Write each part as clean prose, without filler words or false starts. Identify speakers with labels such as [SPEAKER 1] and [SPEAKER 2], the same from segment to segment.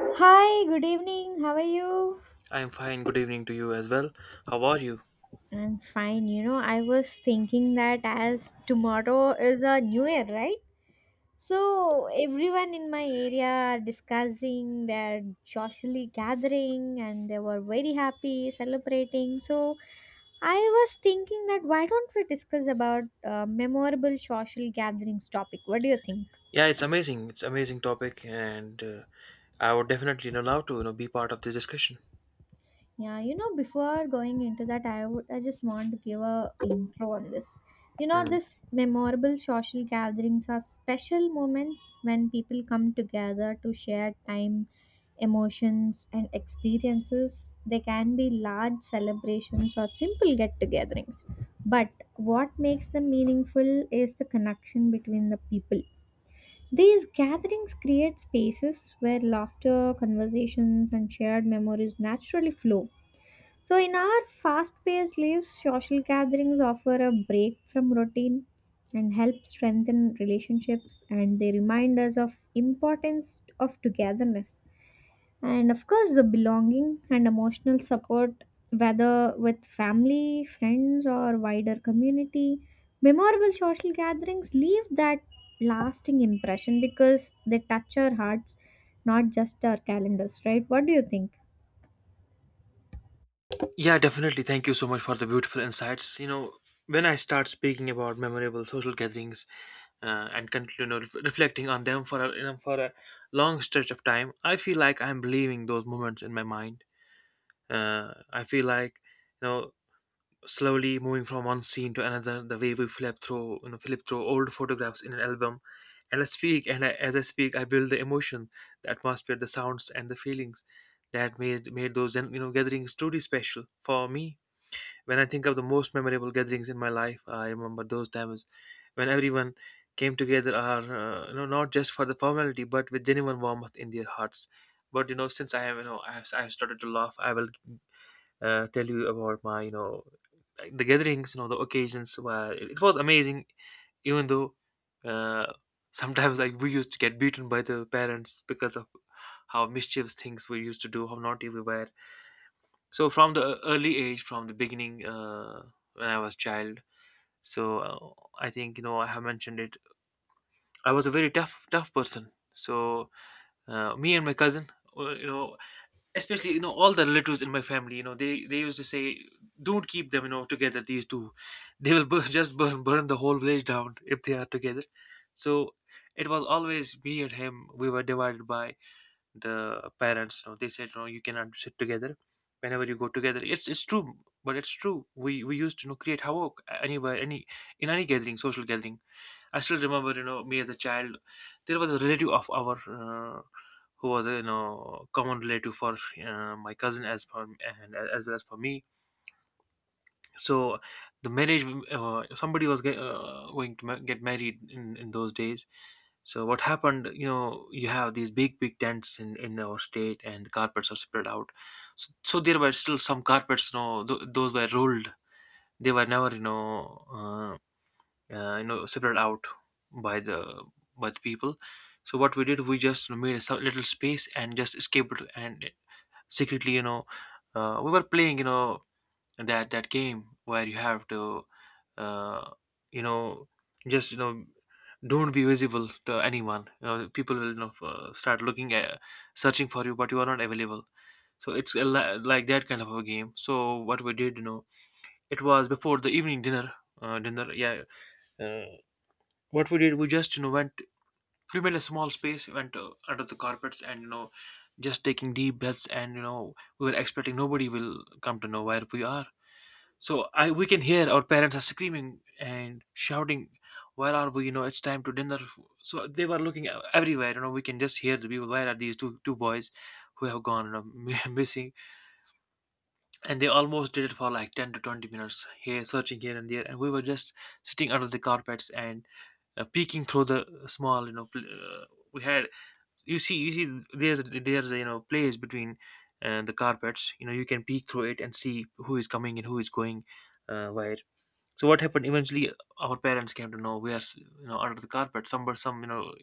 [SPEAKER 1] Hi, good evening. How are you?
[SPEAKER 2] I'm fine. Good evening to you as well. How are you?
[SPEAKER 1] I'm fine. You know, I was thinking that as tomorrow is a new year, right? So everyone in my area are discussing, they're joyfully gathering and they were very happy celebrating. So I was thinking that why don't we discuss about memorable social gatherings topic? What do you think?
[SPEAKER 2] Yeah, it's amazing. It's amazing topic, and I would definitely love to be part of this discussion.
[SPEAKER 1] Yeah, you know, before going into that, I just want to give a intro on this. You know,
[SPEAKER 2] Mm.
[SPEAKER 1] this memorable social gatherings are special moments when people come together to share time, emotions, and experiences. They can be large celebrations or simple get-togethers. But what makes them meaningful is the connection between the people. These gatherings create spaces where laughter, conversations, and shared memories naturally flow. So, in our fast paced lives, social gatherings offer a break from routine and help strengthen relationships, and they remind us of importance of togetherness, and of course the belonging and emotional support, whether with family, friends or wider community. Memorable social gatherings leave that lasting impression because they touch our hearts, not just our calendars, right? What do you think?
[SPEAKER 2] Yeah, definitely. Thank you so much for the beautiful insights. When I start speaking about memorable social gatherings and continue, reflecting on them for a, for a long stretch of time, I feel like I'm believing those moments in my mind. I feel like, you know slowly moving from one scene to another, the way we flip through old photographs in an album. And i speak and I, as i speak I build the emotion, the atmosphere, the sounds, and the feelings that made those gatherings truly special for me. When I think of the most memorable gatherings in my life, I remember those times when everyone came together, are not just for the formality but with genuine warmth in their hearts. But since I have, I have started to laugh, I will tell you about my, the gatherings, the occasions were it was amazing. Even though, uh, sometimes like we used to get beaten by the parents because of how mischievous things we used to do, how naughty we were. So from the early age, from the beginning, when I was child, so I think I have mentioned it. I was a very tough, tough person. So me and my cousin, uh, you know, especially all the relatives in my family, they used to say, don't keep them, together, these two. They will just burn the whole village down if they are together. So it was always me and him. We were divided by the parents. They said, no, you cannot sit together. Whenever you go together, it's true. But it's true, we used to, create havoc anywhere, any in any gathering, social gathering. I still remember, me as a child. There was a relative of our, who was, a, common relative for, my cousin as for and, as well as for me. So the marriage, somebody was going to get married in those days. So what happened? You have these big, big tents in our state, and the carpets are spread out. So, there were still some carpets. Those were rolled. They were never, uh, separated out by the people. So what we did, we just made a little space and just escaped, and secretly, we were playing, that game where you have to, uh, you know just you know don't be visible to anyone. People will, start looking at, searching for you, but you are not available. So it's a like that kind of a game. So what we did, it was before the evening dinner, dinner. Yeah. uh, what we did, we just went. We made a small space, went, under the carpets, and just taking deep breaths, and we were expecting nobody will come to know where we are. So I we can hear our parents are screaming and shouting, where are we? It's time to dinner. So they were looking, everywhere. We can just hear the people, where are these two boys who have gone, missing? And they almost did it for like 10 to 20 minutes, here searching here and there, and we were just sitting under the carpets and, peeking through the small, we had. You see, there's place between, the carpets. You can peek through it and see who is coming and who is going, where. So what happened eventually, our parents came to know we are, under the carpet. Some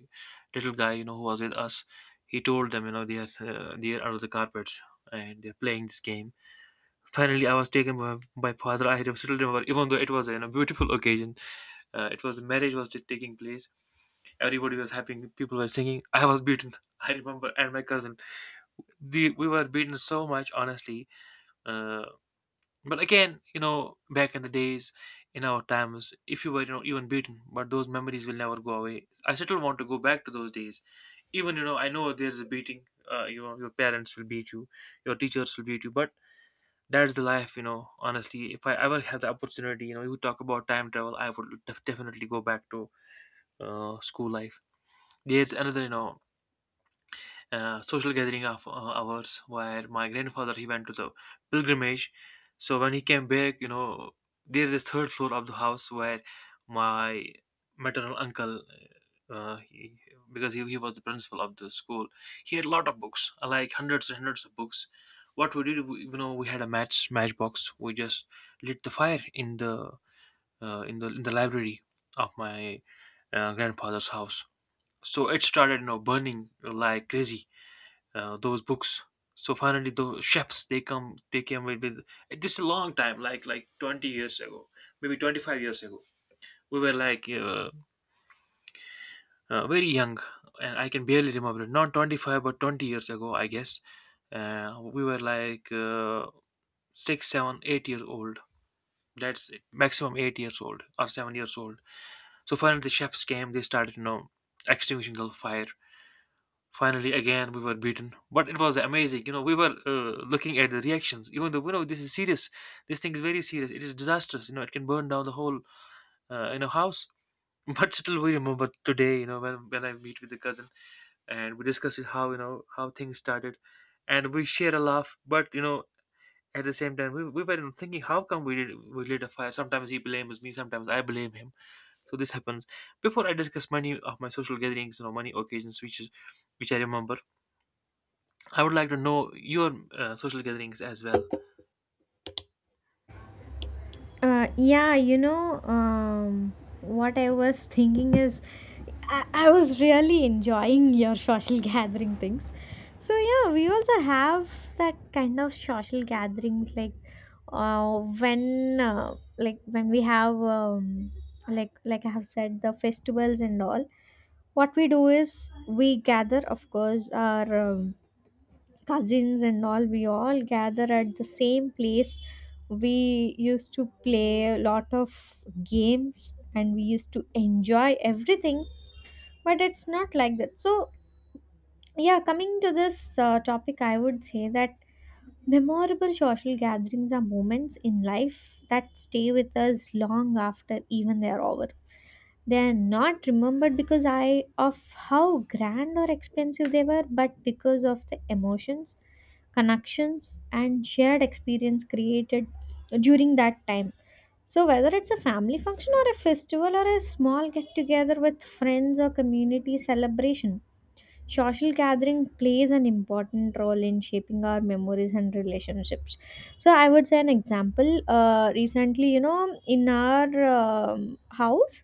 [SPEAKER 2] little guy, who was with us, he told them, they are under the carpets, and they're playing this game. Finally, I was taken by my father. I still remember, even though it was a, a beautiful occasion, it was marriage was taking place. Everybody was happy. People were singing. I was beaten. I remember, and my cousin. The we were beaten so much, honestly. Uh, but again, back in the days, in our times, if you were, even beaten, but those memories will never go away. I still want to go back to those days. Even, I know there's a beating. Your parents will beat you, your teachers will beat you, but that's the life. Honestly, if I ever have the opportunity, you talk about time travel, I would definitely go back to, school life. There's another, social gathering of, ours where my grandfather, he went to the pilgrimage. So when he came back, there's this third floor of the house where my maternal uncle, he, because he was the principal of the school. He had a lot of books, like hundreds and hundreds of books. What we did, we, you know we had a matchbox. We just lit the fire in the, in the library of my, grandfather's house. So it started, burning like crazy, those books. So finally, those chefs, they come they came with, this is a long time, like 20 years ago, maybe 25 years ago. We were like, very young, and I can barely remember it. Not 25, but 20 years ago, I guess. We were like, six, seven, 8 years old. That's it. Maximum 8 years old or 7 years old. So finally, the chefs came. They started, extinguishing the fire. Finally, again, we were beaten, but it was amazing. We were, looking at the reactions, even though, this is serious. This thing is very serious. It is disastrous. It can burn down the whole, house. But still, we remember today, when I meet with the cousin and we discuss it, how, how things started. And we share a laugh, but, at the same time, we were thinking, how come we lit a fire? Sometimes he blames me, sometimes I blame him. So this happens. Before I discuss many of my social gatherings, many occasions, which I remember. I would like to know your, social gatherings as well.
[SPEAKER 1] Yeah, you know, what I was thinking is, I was really enjoying your social gathering things. So, yeah, we also have that kind of social gatherings like when like when we have like I have said, the festivals and all. What we do is we gather of course our cousins and all, we all gather at the same place. We used to play a lot of games and we used to enjoy everything, but it's not like that. So yeah, coming to this topic, I would say that memorable social gatherings are moments in life that stay with us long after even they are over. They are not remembered because I of how grand or expensive they were, but because of the emotions, connections, and shared experience created during that time. So, whether it's a family function or a festival or a small get together with friends or community celebration, social gathering plays an important role in shaping our memories and relationships. So I would say an example. Recently, you know, in our house,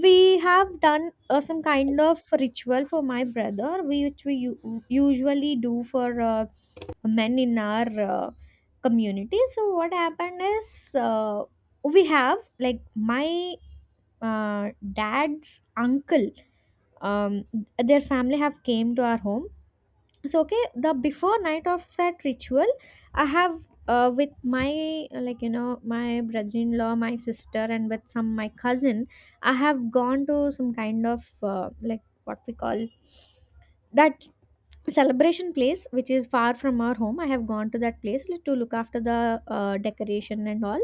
[SPEAKER 1] we have done some kind of ritual for my brother, we, which we usually do for men in our community. So what happened is, we have like my dad's uncle, um their family have came to our home. So okay, the before night of that ritual, I have with my like you know, my brother-in-law, my sister and with some my cousin, I have gone to some kind of like what we call that celebration place which is far from our home. I have gone to that place to look after the decoration and all.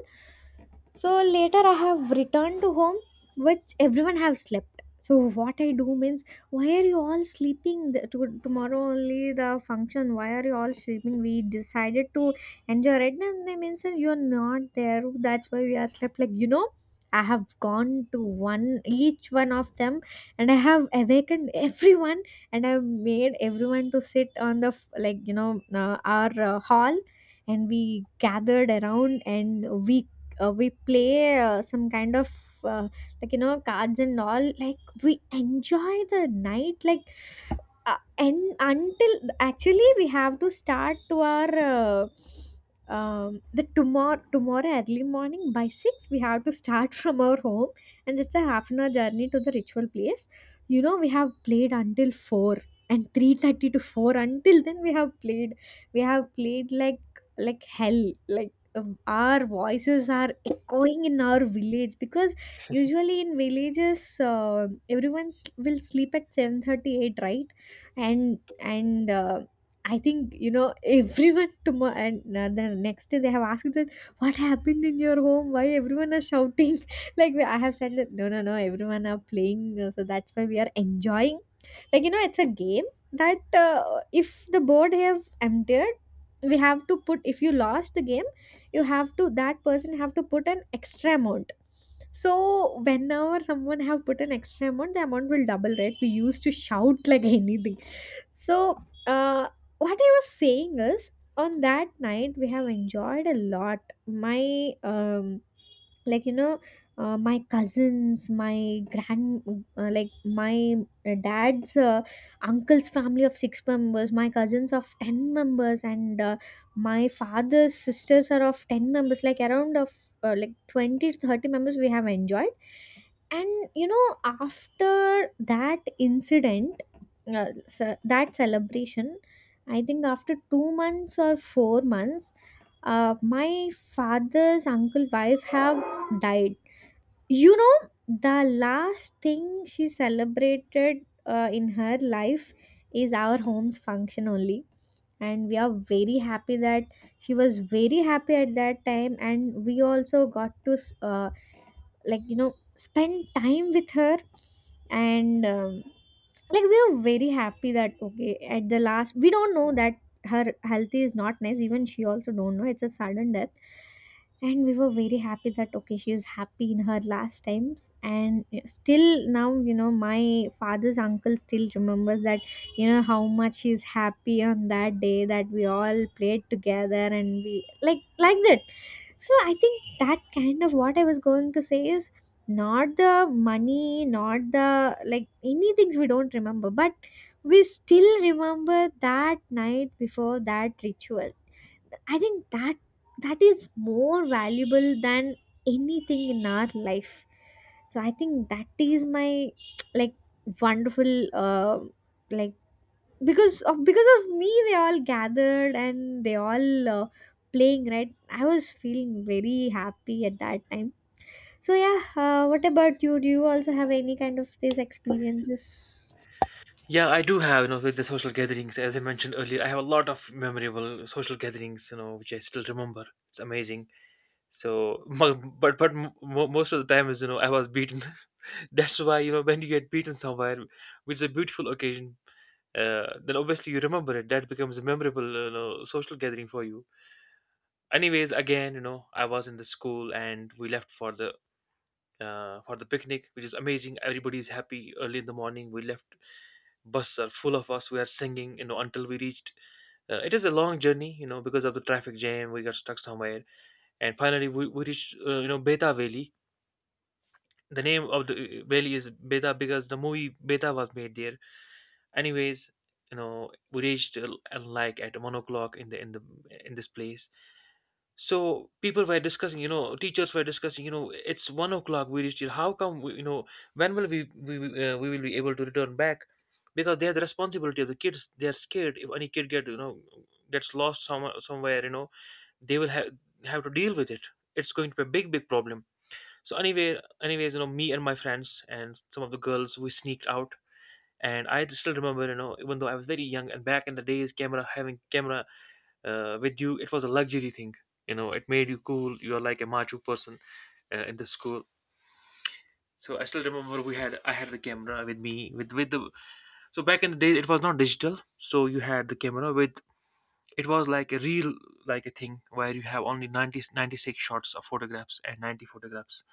[SPEAKER 1] So later I have returned to home, which everyone have slept. So what I do means, why are you all sleeping? Tomorrow only the function, why are you all sleeping? We decided to enjoy it, and they means that you're not there, that's why we are slept, like you know. I have gone to one, each one of them, and I have awakened everyone, and I've made everyone to sit on the like you know our hall, and we gathered around and we we play some kind of uh, like you know cards and all, like we enjoy the night like uh, and until actually we have to start to our um, the tomorrow early morning by 6:00 we have to start from our home, and it's a half an hour journey to the ritual place. You know, we have played until 4:00, and 3:30 to 4:00, until then we have played. We have played like hell, like, um, our voices are echoing in our village, because usually in villages, uh, everyone will sleep at 7:38, right? And I think, you know, everyone tomorrow and the next day they have asked that, what happened in your home, why everyone are shouting? Like I have said that no no no, everyone are playing, so that's why we are enjoying. Like you know, it's a game that uh, if the board have emptied, we have to put, if you lost the game, you have to, that person have to put an extra amount. So whenever someone have put an extra amount, the amount will double, right? We used to shout like anything. So uh, what I was saying is, on that night we have enjoyed a lot. My um, like you know my cousins, my grand like my dad's uncle's family of six members, my cousins of 10 members, and my father's sisters are of 10 members, like around of like 20 to 30 members we have enjoyed. And you know, after that incident, uh, that celebration, I think after 2 months or 4 months, my father's uncle wife have died. You know, the last thing she celebrated in her life is our home's function only. And we are very happy that she was very happy at that time. And we also got to, like, you know, spend time with her. And like we were very happy that okay, at the last we don't know that her health is not nice, even she also don't know, it's a sudden death. And we were very happy that okay, she is happy in her last times, and still now you know my father's uncle still remembers that, you know, how much she's happy on that day, that we all played together and we like that. So I think that kind of, what I was going to say is, not the money, not the like any things we don't remember, but we still remember that night before that ritual. I think that that is more valuable than anything in our life. So I think that is my like wonderful like because of, because of me they all gathered and they all playing, right? I was feeling very happy at that time. So yeah, what about you, do you also have any kind of these experiences?
[SPEAKER 2] Yeah, I do have, with the social gatherings, as I mentioned earlier, I have a lot of memorable social gatherings, which I still remember. It's amazing. So, most of the time is, I was beaten. That's why, when you get beaten somewhere, which is a beautiful occasion, then obviously you remember it. That becomes a memorable, social gathering for you. Anyways, again, I was in the school and we left for the picnic, which is amazing. Everybody is happy early in the morning. We left, buses are full of us. We are singing, until we reached. It is a long journey, because of the traffic jam. We got stuck somewhere, and finally we reached, Beta Valley. The name of the, valley is Beta because the movie Beta was made there. Anyways, we reached like at 1 o'clock in this place. So people were discussing, teachers were discussing, it's 1 o'clock, we reached here, how come we, when will we will be able to return back? Because they have the responsibility of the kids, they are scared if any kid gets lost somewhere. They will have to deal with it. It's going to be a big big problem. So anyways, me and my friends and some of the girls, we sneaked out. And I still remember, even though I was very young, and back in the days, camera having camera with you, it was a luxury thing. It made you cool, you are like a macho person in the school. So I still remember, we had I had the camera with me, with the. So back in the days, it was not digital, so you had the camera with, it was like a real, like a thing where you have only 90 96 shots of photographs and 90 photographs.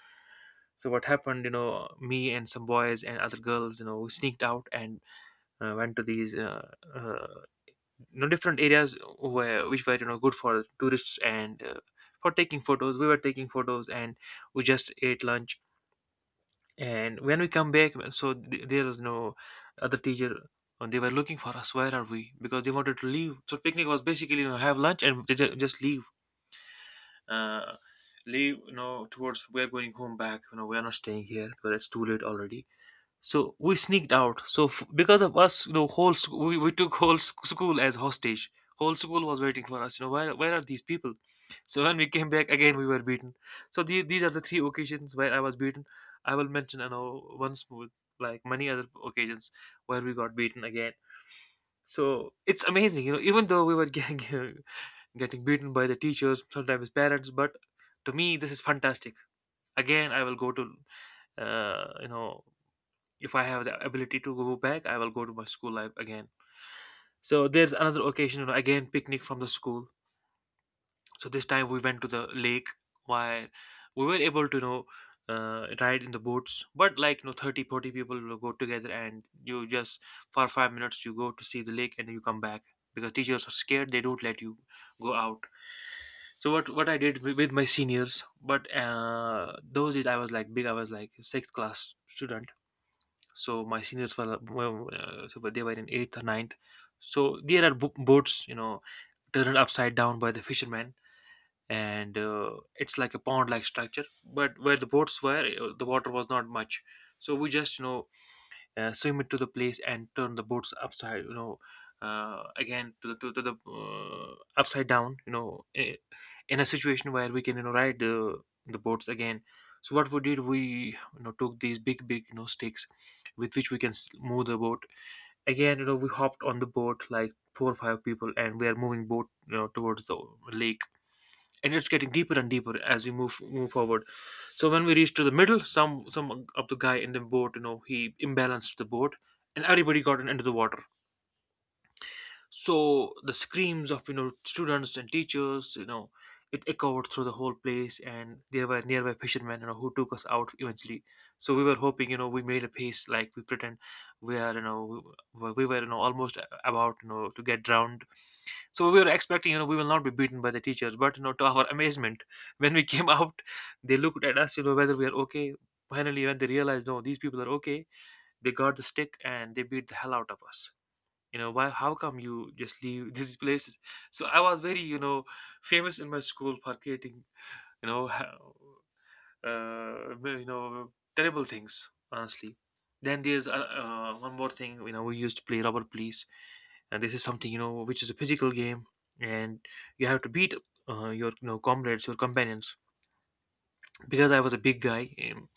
[SPEAKER 2] So what happened, me and some boys and other girls, we sneaked out, and went to these uh, different areas where which were, good for tourists, and for taking photos, we were taking photos. And we just ate lunch. And when we come back, well, so there was no other teacher. And they were looking for us, where are we, because they wanted to leave. So picnic was basically, have lunch, and they just leave uh leave, towards, we're going home back. We're not staying here because it's too late already. So we sneaked out. So because of us, we took whole school as hostage. Whole school was waiting for us. Where are these people? So when we came back again, we were beaten. So these are the three occasions where I was beaten. I will mention, once more, like many other occasions where we got beaten again. So it's amazing, even though we were getting beaten by the teachers, sometimes parents, but to me, this is fantastic. Again, I will go to, uh, you know, if I have the ability to go back, I will go to my school life again. So there's another occasion, again picnic from the school. So this time we went to the lake, where we were able to ride in the boats, but, like, 30, 40 people will go together, and you just, for 5 minutes, you go to see the lake and you come back because teachers are scared, they don't let you go out. So what I did with my seniors, but those is, I was like big, I was like sixth class student. So my seniors were, well, so they were in eighth or ninth. So there are boats, turned upside down by the fishermen. And it's like a pond like structure, but where the boats were, the water was not much. So we just, swim it to the place and turn the boats upside, again to the upside down. In a situation where we can, ride the boats again. So what we did, we, took these big big, sticks. With which we can move the boat. Again, we hopped on the boat, like four or five people, and we are moving boat, towards the lake. And it's getting deeper and deeper as we move forward. So when we reached to the middle, some of the guy in the boat, he imbalanced the boat, and everybody got into the water. So the screams of, students and teachers, it echoed through the whole place, and there were nearby fishermen, who took us out eventually. So we were hoping, we made a pace like we pretend we are, we were, almost about, to get drowned. So we were expecting, we will not be beaten by the teachers, but, to our amazement, when we came out, they looked at us, whether we are okay. Finally, when they realized, no, these people are okay, they got the stick and they beat the hell out of us. Why? How come you just leave these places? So I was very, famous in my school for creating, you know, ha- well, terrible things, honestly. Then there's one more thing. We used to play rubber police. And this is something, which is a physical game. And you have to beat your, comrades, your companions. Because I was a big guy in,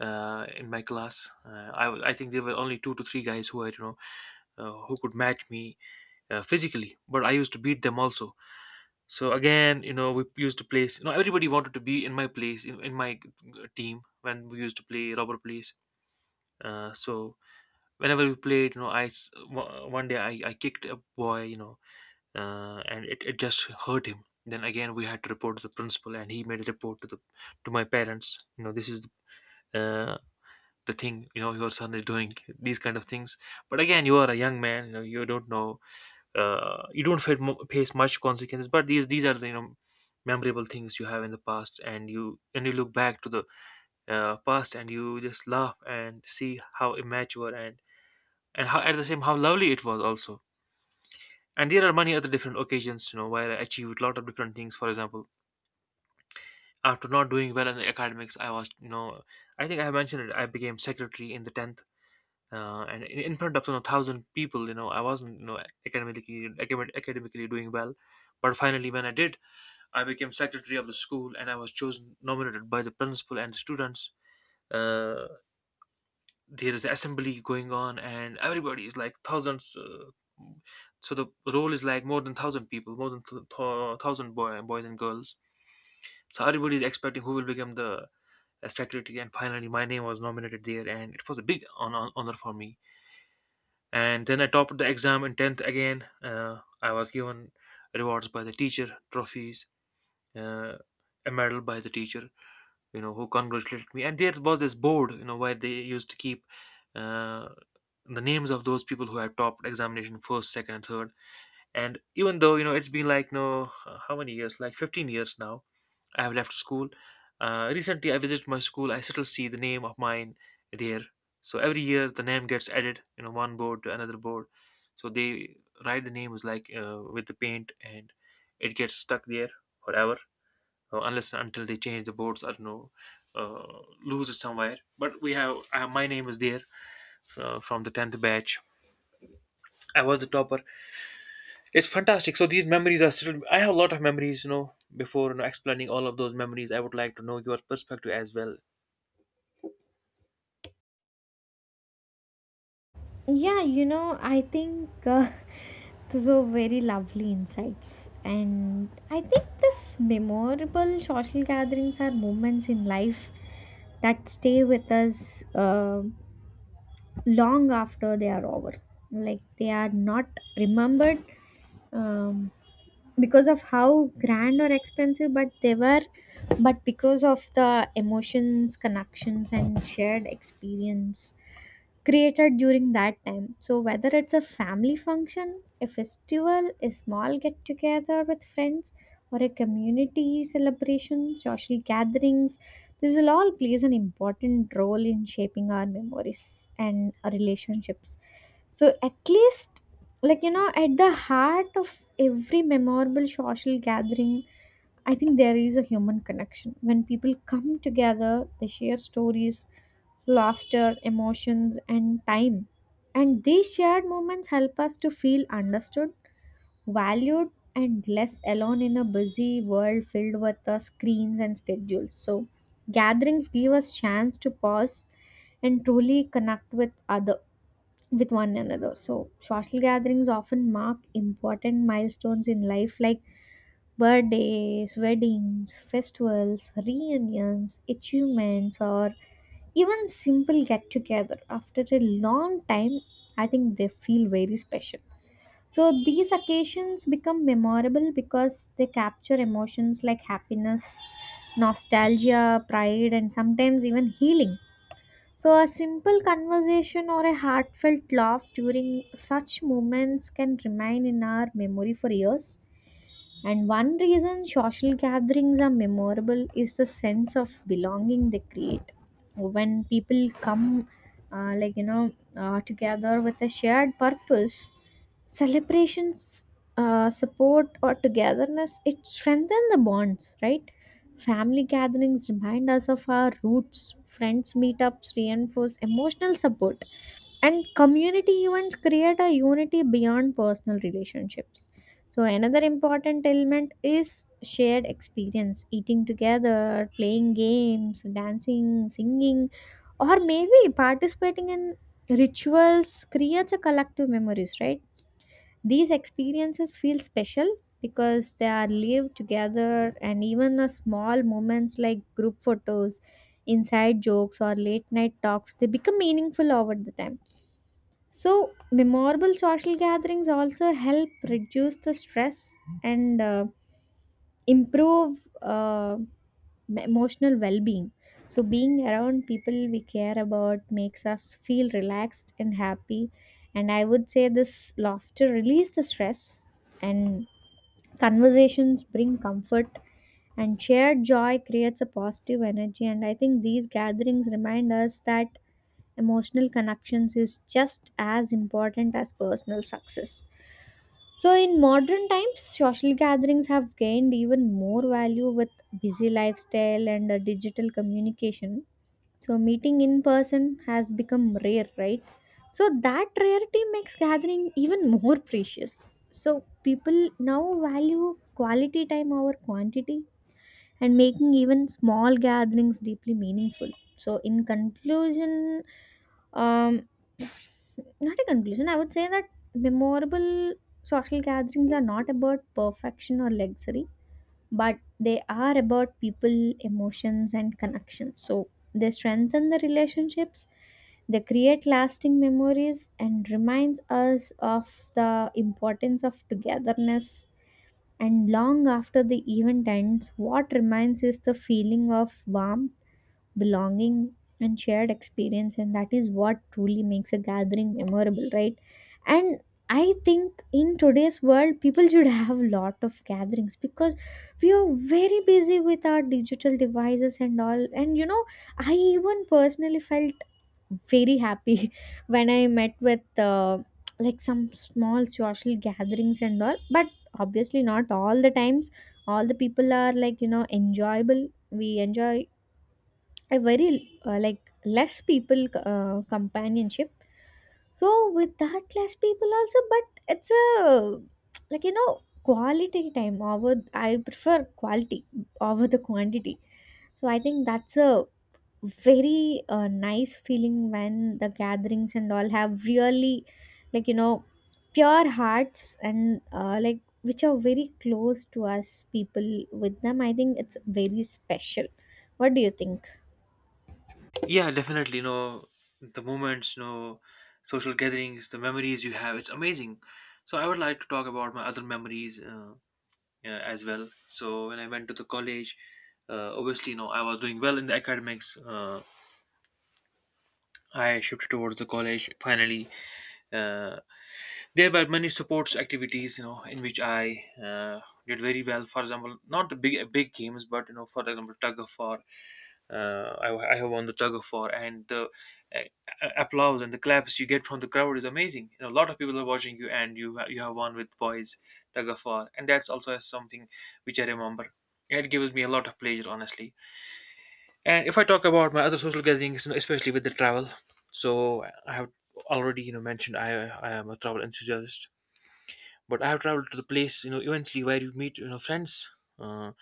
[SPEAKER 2] uh, in my class. I think there were only two to three guys who I you know who could match me physically, but I used to beat them also. So again, we used to play. Everybody wanted to be in my place, in my team when we used to play rubber place. So whenever we played, one day, I kicked a boy, and it just hurt him. Then again, we had to report to the principal, and he made a report to my parents. This is uh, the thing, your son is doing these kind of things. But again, you are a young man, you don't know, you don't face, face much consequences. But these are the, memorable things you have in the past, and you look back to the past, and you just laugh and see how immature and how, at the same, how lovely it was also. And there are many other different occasions, where I achieved a lot of different things. For example, after not doing well in the academics, I was, I think I have mentioned it, I became secretary in the 10th. And in front of, 1,000 people, I wasn't, academically doing well. But finally, when I did, I became secretary of the school, and I was chosen, nominated by the principal and the students. uh, there is assembly going on and everybody is like thousands. So the role is like more than 1,000 people, more than 1,000 boys and girls. So everybody is expecting who will become the secretary, and finally my name was nominated there, and it was a big honor for me. And then I topped the exam in 10th again. I was given rewards by the teacher, trophies, uh, a medal by the teacher, who congratulated me. And there was this board, where they used to keep uh, the names of those people who had topped examination first, second, and third. And even though, it's been like, no, how many years? Like 15 years now I have left school. Recently, I visited my school. I still see the name of mine there. So every year, the name gets added, one board to another board. So they write the names like with the paint, and it gets stuck there forever, unless and until they change the boards or, no, lose it somewhere. But we have my name is there, from the 10th batch. I was the topper. It's fantastic. So these memories are still. I have a lot of memories. Before, explaining all of those memories, I would like to know your perspective as well.
[SPEAKER 1] Yeah, you know, I think those were very lovely insights. And I think this memorable social gatherings are moments in life that stay with us, um long after they are over. Like they are not remembered, um, because of how grand or expensive but they were, but because of the emotions, connections and shared experience created during that time. So whether it's a family function, a festival, a small get together with friends or a community celebration, social gatherings, this will all plays an important role in shaping our memories and our relationships. So at least, like you know, at the heart of every memorable social gathering, I think there is a human connection. When people come together, they share stories, laughter, emotions and time, and these shared moments help us to feel understood, valued and less alone in a busy world filled with screens and schedules. So gatherings give us chance to pause and truly connect with other, with one another. So social gatherings often mark important milestones in life like birthdays, weddings, festivals, reunions, achievements, or even simple get together after a long time. I think they feel very special. So these occasions become memorable because they capture emotions like happiness, nostalgia, pride, and sometimes even healing. So a simple conversation or a heartfelt laugh during such moments can remain in our memory for years. And one reason social gatherings are memorable is the sense of belonging they create. When people come, like, you know, together with a shared purpose, celebrations, support, or togetherness, it strengthens the bonds, right? Family gatherings remind us of our roots, friends' meetups reinforce emotional support, and community events create a unity beyond personal relationships. So, another important element is shared experience: eating together, playing games, dancing, singing, or maybe participating in rituals creates a collective memories, right? These experiences feel special because they are lived together, and even a small moments like group photos, inside jokes, or late night talks, they become meaningful over the time. So, memorable social gatherings also help reduce the stress and improve emotional well being. So, being around people we care about makes us feel relaxed and happy. And I would say this laughter release the stress, and conversations bring comfort, and shared joy creates a positive energy. And I think these gatherings remind us that emotional connections is just as important as personal success. So, in modern times, social gatherings have gained even more value with busy lifestyle and digital communication. So meeting in person has become rare, right? So that rarity makes gathering even more precious. So people now value quality time over quantity, and making even small gatherings deeply meaningful. So in conclusion, um not a conclusion, I would say that memorable social gatherings are not about perfection or luxury, but they are about people, emotions, and connections. So they strengthen the relationships, they create lasting memories, and reminds us of the importance of togetherness. And long after the event ends, what remains is the feeling of warmth, belonging and shared experience, and that is what truly makes a gathering memorable, right? And I think in today's world people should have a lot of gatherings because we are very busy with our digital devices and all, and you know, I even personally felt very happy when I met with like some small social gatherings and all. But obviously not all the times all the people are like you know enjoyable. We enjoy a very like less people companionship. So with that less people also, but it's a like you know quality time over, I prefer quality over the quantity. So I think that's a very nice feeling when the gatherings and all have really like you know pure hearts and like which are very close to us people, with them I think it's very special. What do you think?
[SPEAKER 2] Yeah, definitely. The moments, social gatherings, the memories you have, it's amazing. So I would like to talk about my other memories as well. So when I went to the college, obviously, I was doing well in the academics. I shifted towards the college finally. Uh, Thereby, many sports activities, in which I did very well. For example, not the big big games, but, for example, tug of war. I have won the tug of war, and the applause and the claps you get from the crowd is amazing. A lot of people are watching you, and you you have won with boys tug of war, and that's also something which I remember. It gives me a lot of pleasure, honestly. And if I talk about my other social gatherings, especially with the travel, so I have already, mentioned, I am a travel enthusiast. But I have traveled to the place, eventually where you meet, friends, uh,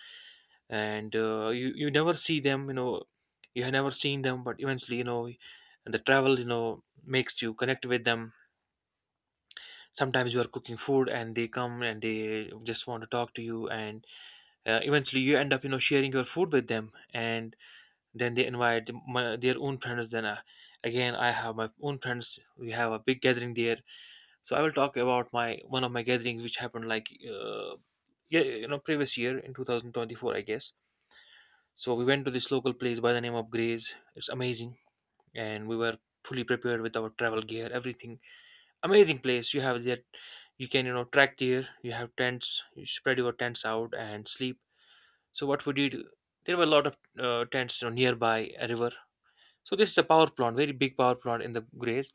[SPEAKER 2] and you never see them, you have never seen them, but eventually, the travel, makes you connect with them. Sometimes you are cooking food and they come and they just want to talk to you, and eventually you end up, you know, sharing your food with them, and then they invite their own friends. Then again, I have my own friends. We have a big gathering there. So I will talk about my one of my gatherings which happened like yeah, you know, previous year in 2024, I guess. So we went to this local place by the name of Grays. It's amazing, and we were fully prepared with our travel gear, everything. Amazing place. You have that, you can, you know, track there. You have tents. You spread your tents out and sleep. So what we did, there were a lot of tents, you know, nearby a river. So this is a power plant, very big power plant in the Grays,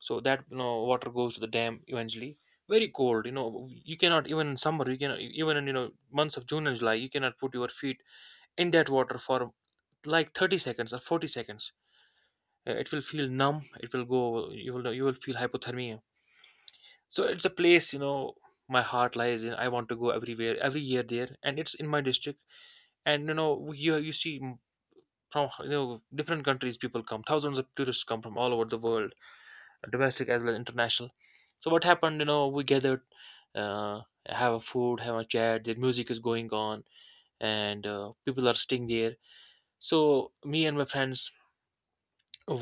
[SPEAKER 2] so that, you know, water goes to the dam eventually. Very cold, you know. You cannot even in summer, you cannot even in, you know, months of June and July, you cannot put your feet in that water for like 30 seconds or 40 seconds. It will feel numb, it will go, you will feel hypothermia. So it's a place, you know, my heart lies in. I want to go everywhere every year there, and it's in my district. And you know, you see from, you know, different countries, people come, thousands of tourists come from all over the world, domestic as well as international. So what happened? You know, we gathered, uh, have a food, have a chat. The music is going on, and people are staying there. So me and my friends,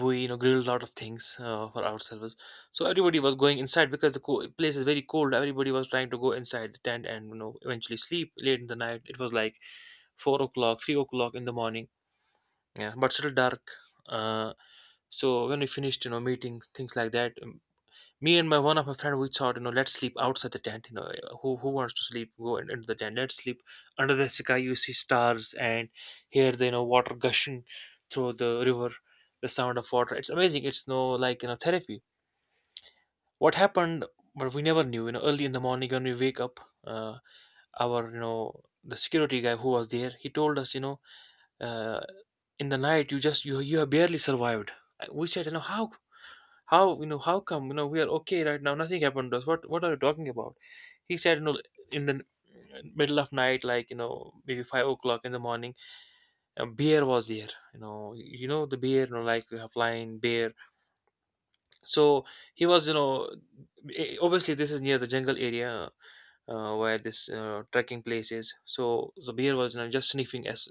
[SPEAKER 2] we, you know, grilled a lot of things for ourselves. So everybody was going inside because the place is very cold. Everybody was trying to go inside the tent and, you know, eventually sleep late in the night. It was like 4 o'clock, 3 o'clock in the morning. Yeah, but still dark. Uh, so when we finished, you know, meetings, things like that, me and my one of my friend, we thought, you know, let's sleep outside the tent, you know. Who wants to sleep, go in, into the tent. Let's sleep under the sky, you see stars and hear the, you know, water gushing through the river, the sound of water. It's amazing. It's no, like, you know, therapy. What happened, but we never knew, you know, early in the morning when we wake up, uh, our, you know, the security guy who was there, he told us, you know, uh, in the night, you just, you have barely survived. We said, you know, how, you know, how come, you know, we are okay right now, nothing happened to us. What are you talking about? He said, you know, in the middle of night, like, you know, maybe 5 o'clock in the morning, a bear was there. You know, you know the bear, you know, like we have lion, bear. So he was, you know, obviously this is near the jungle area, where this trekking place is, so the bear was, you know, just sniffing us,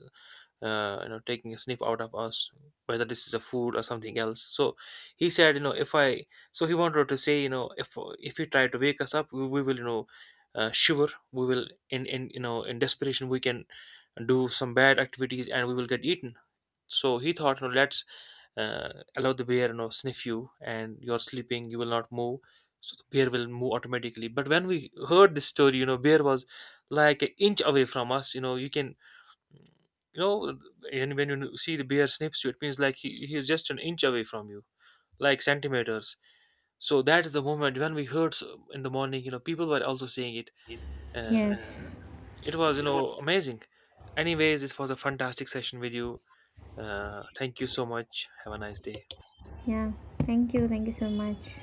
[SPEAKER 2] you know, taking a snip out of us, whether this is a food or something else. So he said you know if I so he wanted to say, you know, if you try to wake us up, we will, you know, shiver, we will in, you know, in desperation, we can do some bad activities and we will get eaten. So he thought, you know, let's allow the bear, you know, sniff you, and you're sleeping, you will not move, so the bear will move automatically. But when we heard this story, you know, bear was like an inch away from us, you know, you can, you know, and when you see the bear snips you, it means like he is just an inch away from you, like centimeters. So that is the moment when we heard in the morning, you know, people were also saying it. uh,
[SPEAKER 1] Yes.
[SPEAKER 2] it was, you
[SPEAKER 1] It was-
[SPEAKER 2] know, amazing. Anyways, this was a fantastic session with you. Uh, thank you so much, have a nice day.
[SPEAKER 1] Yeah. Thank you. Thank you so much.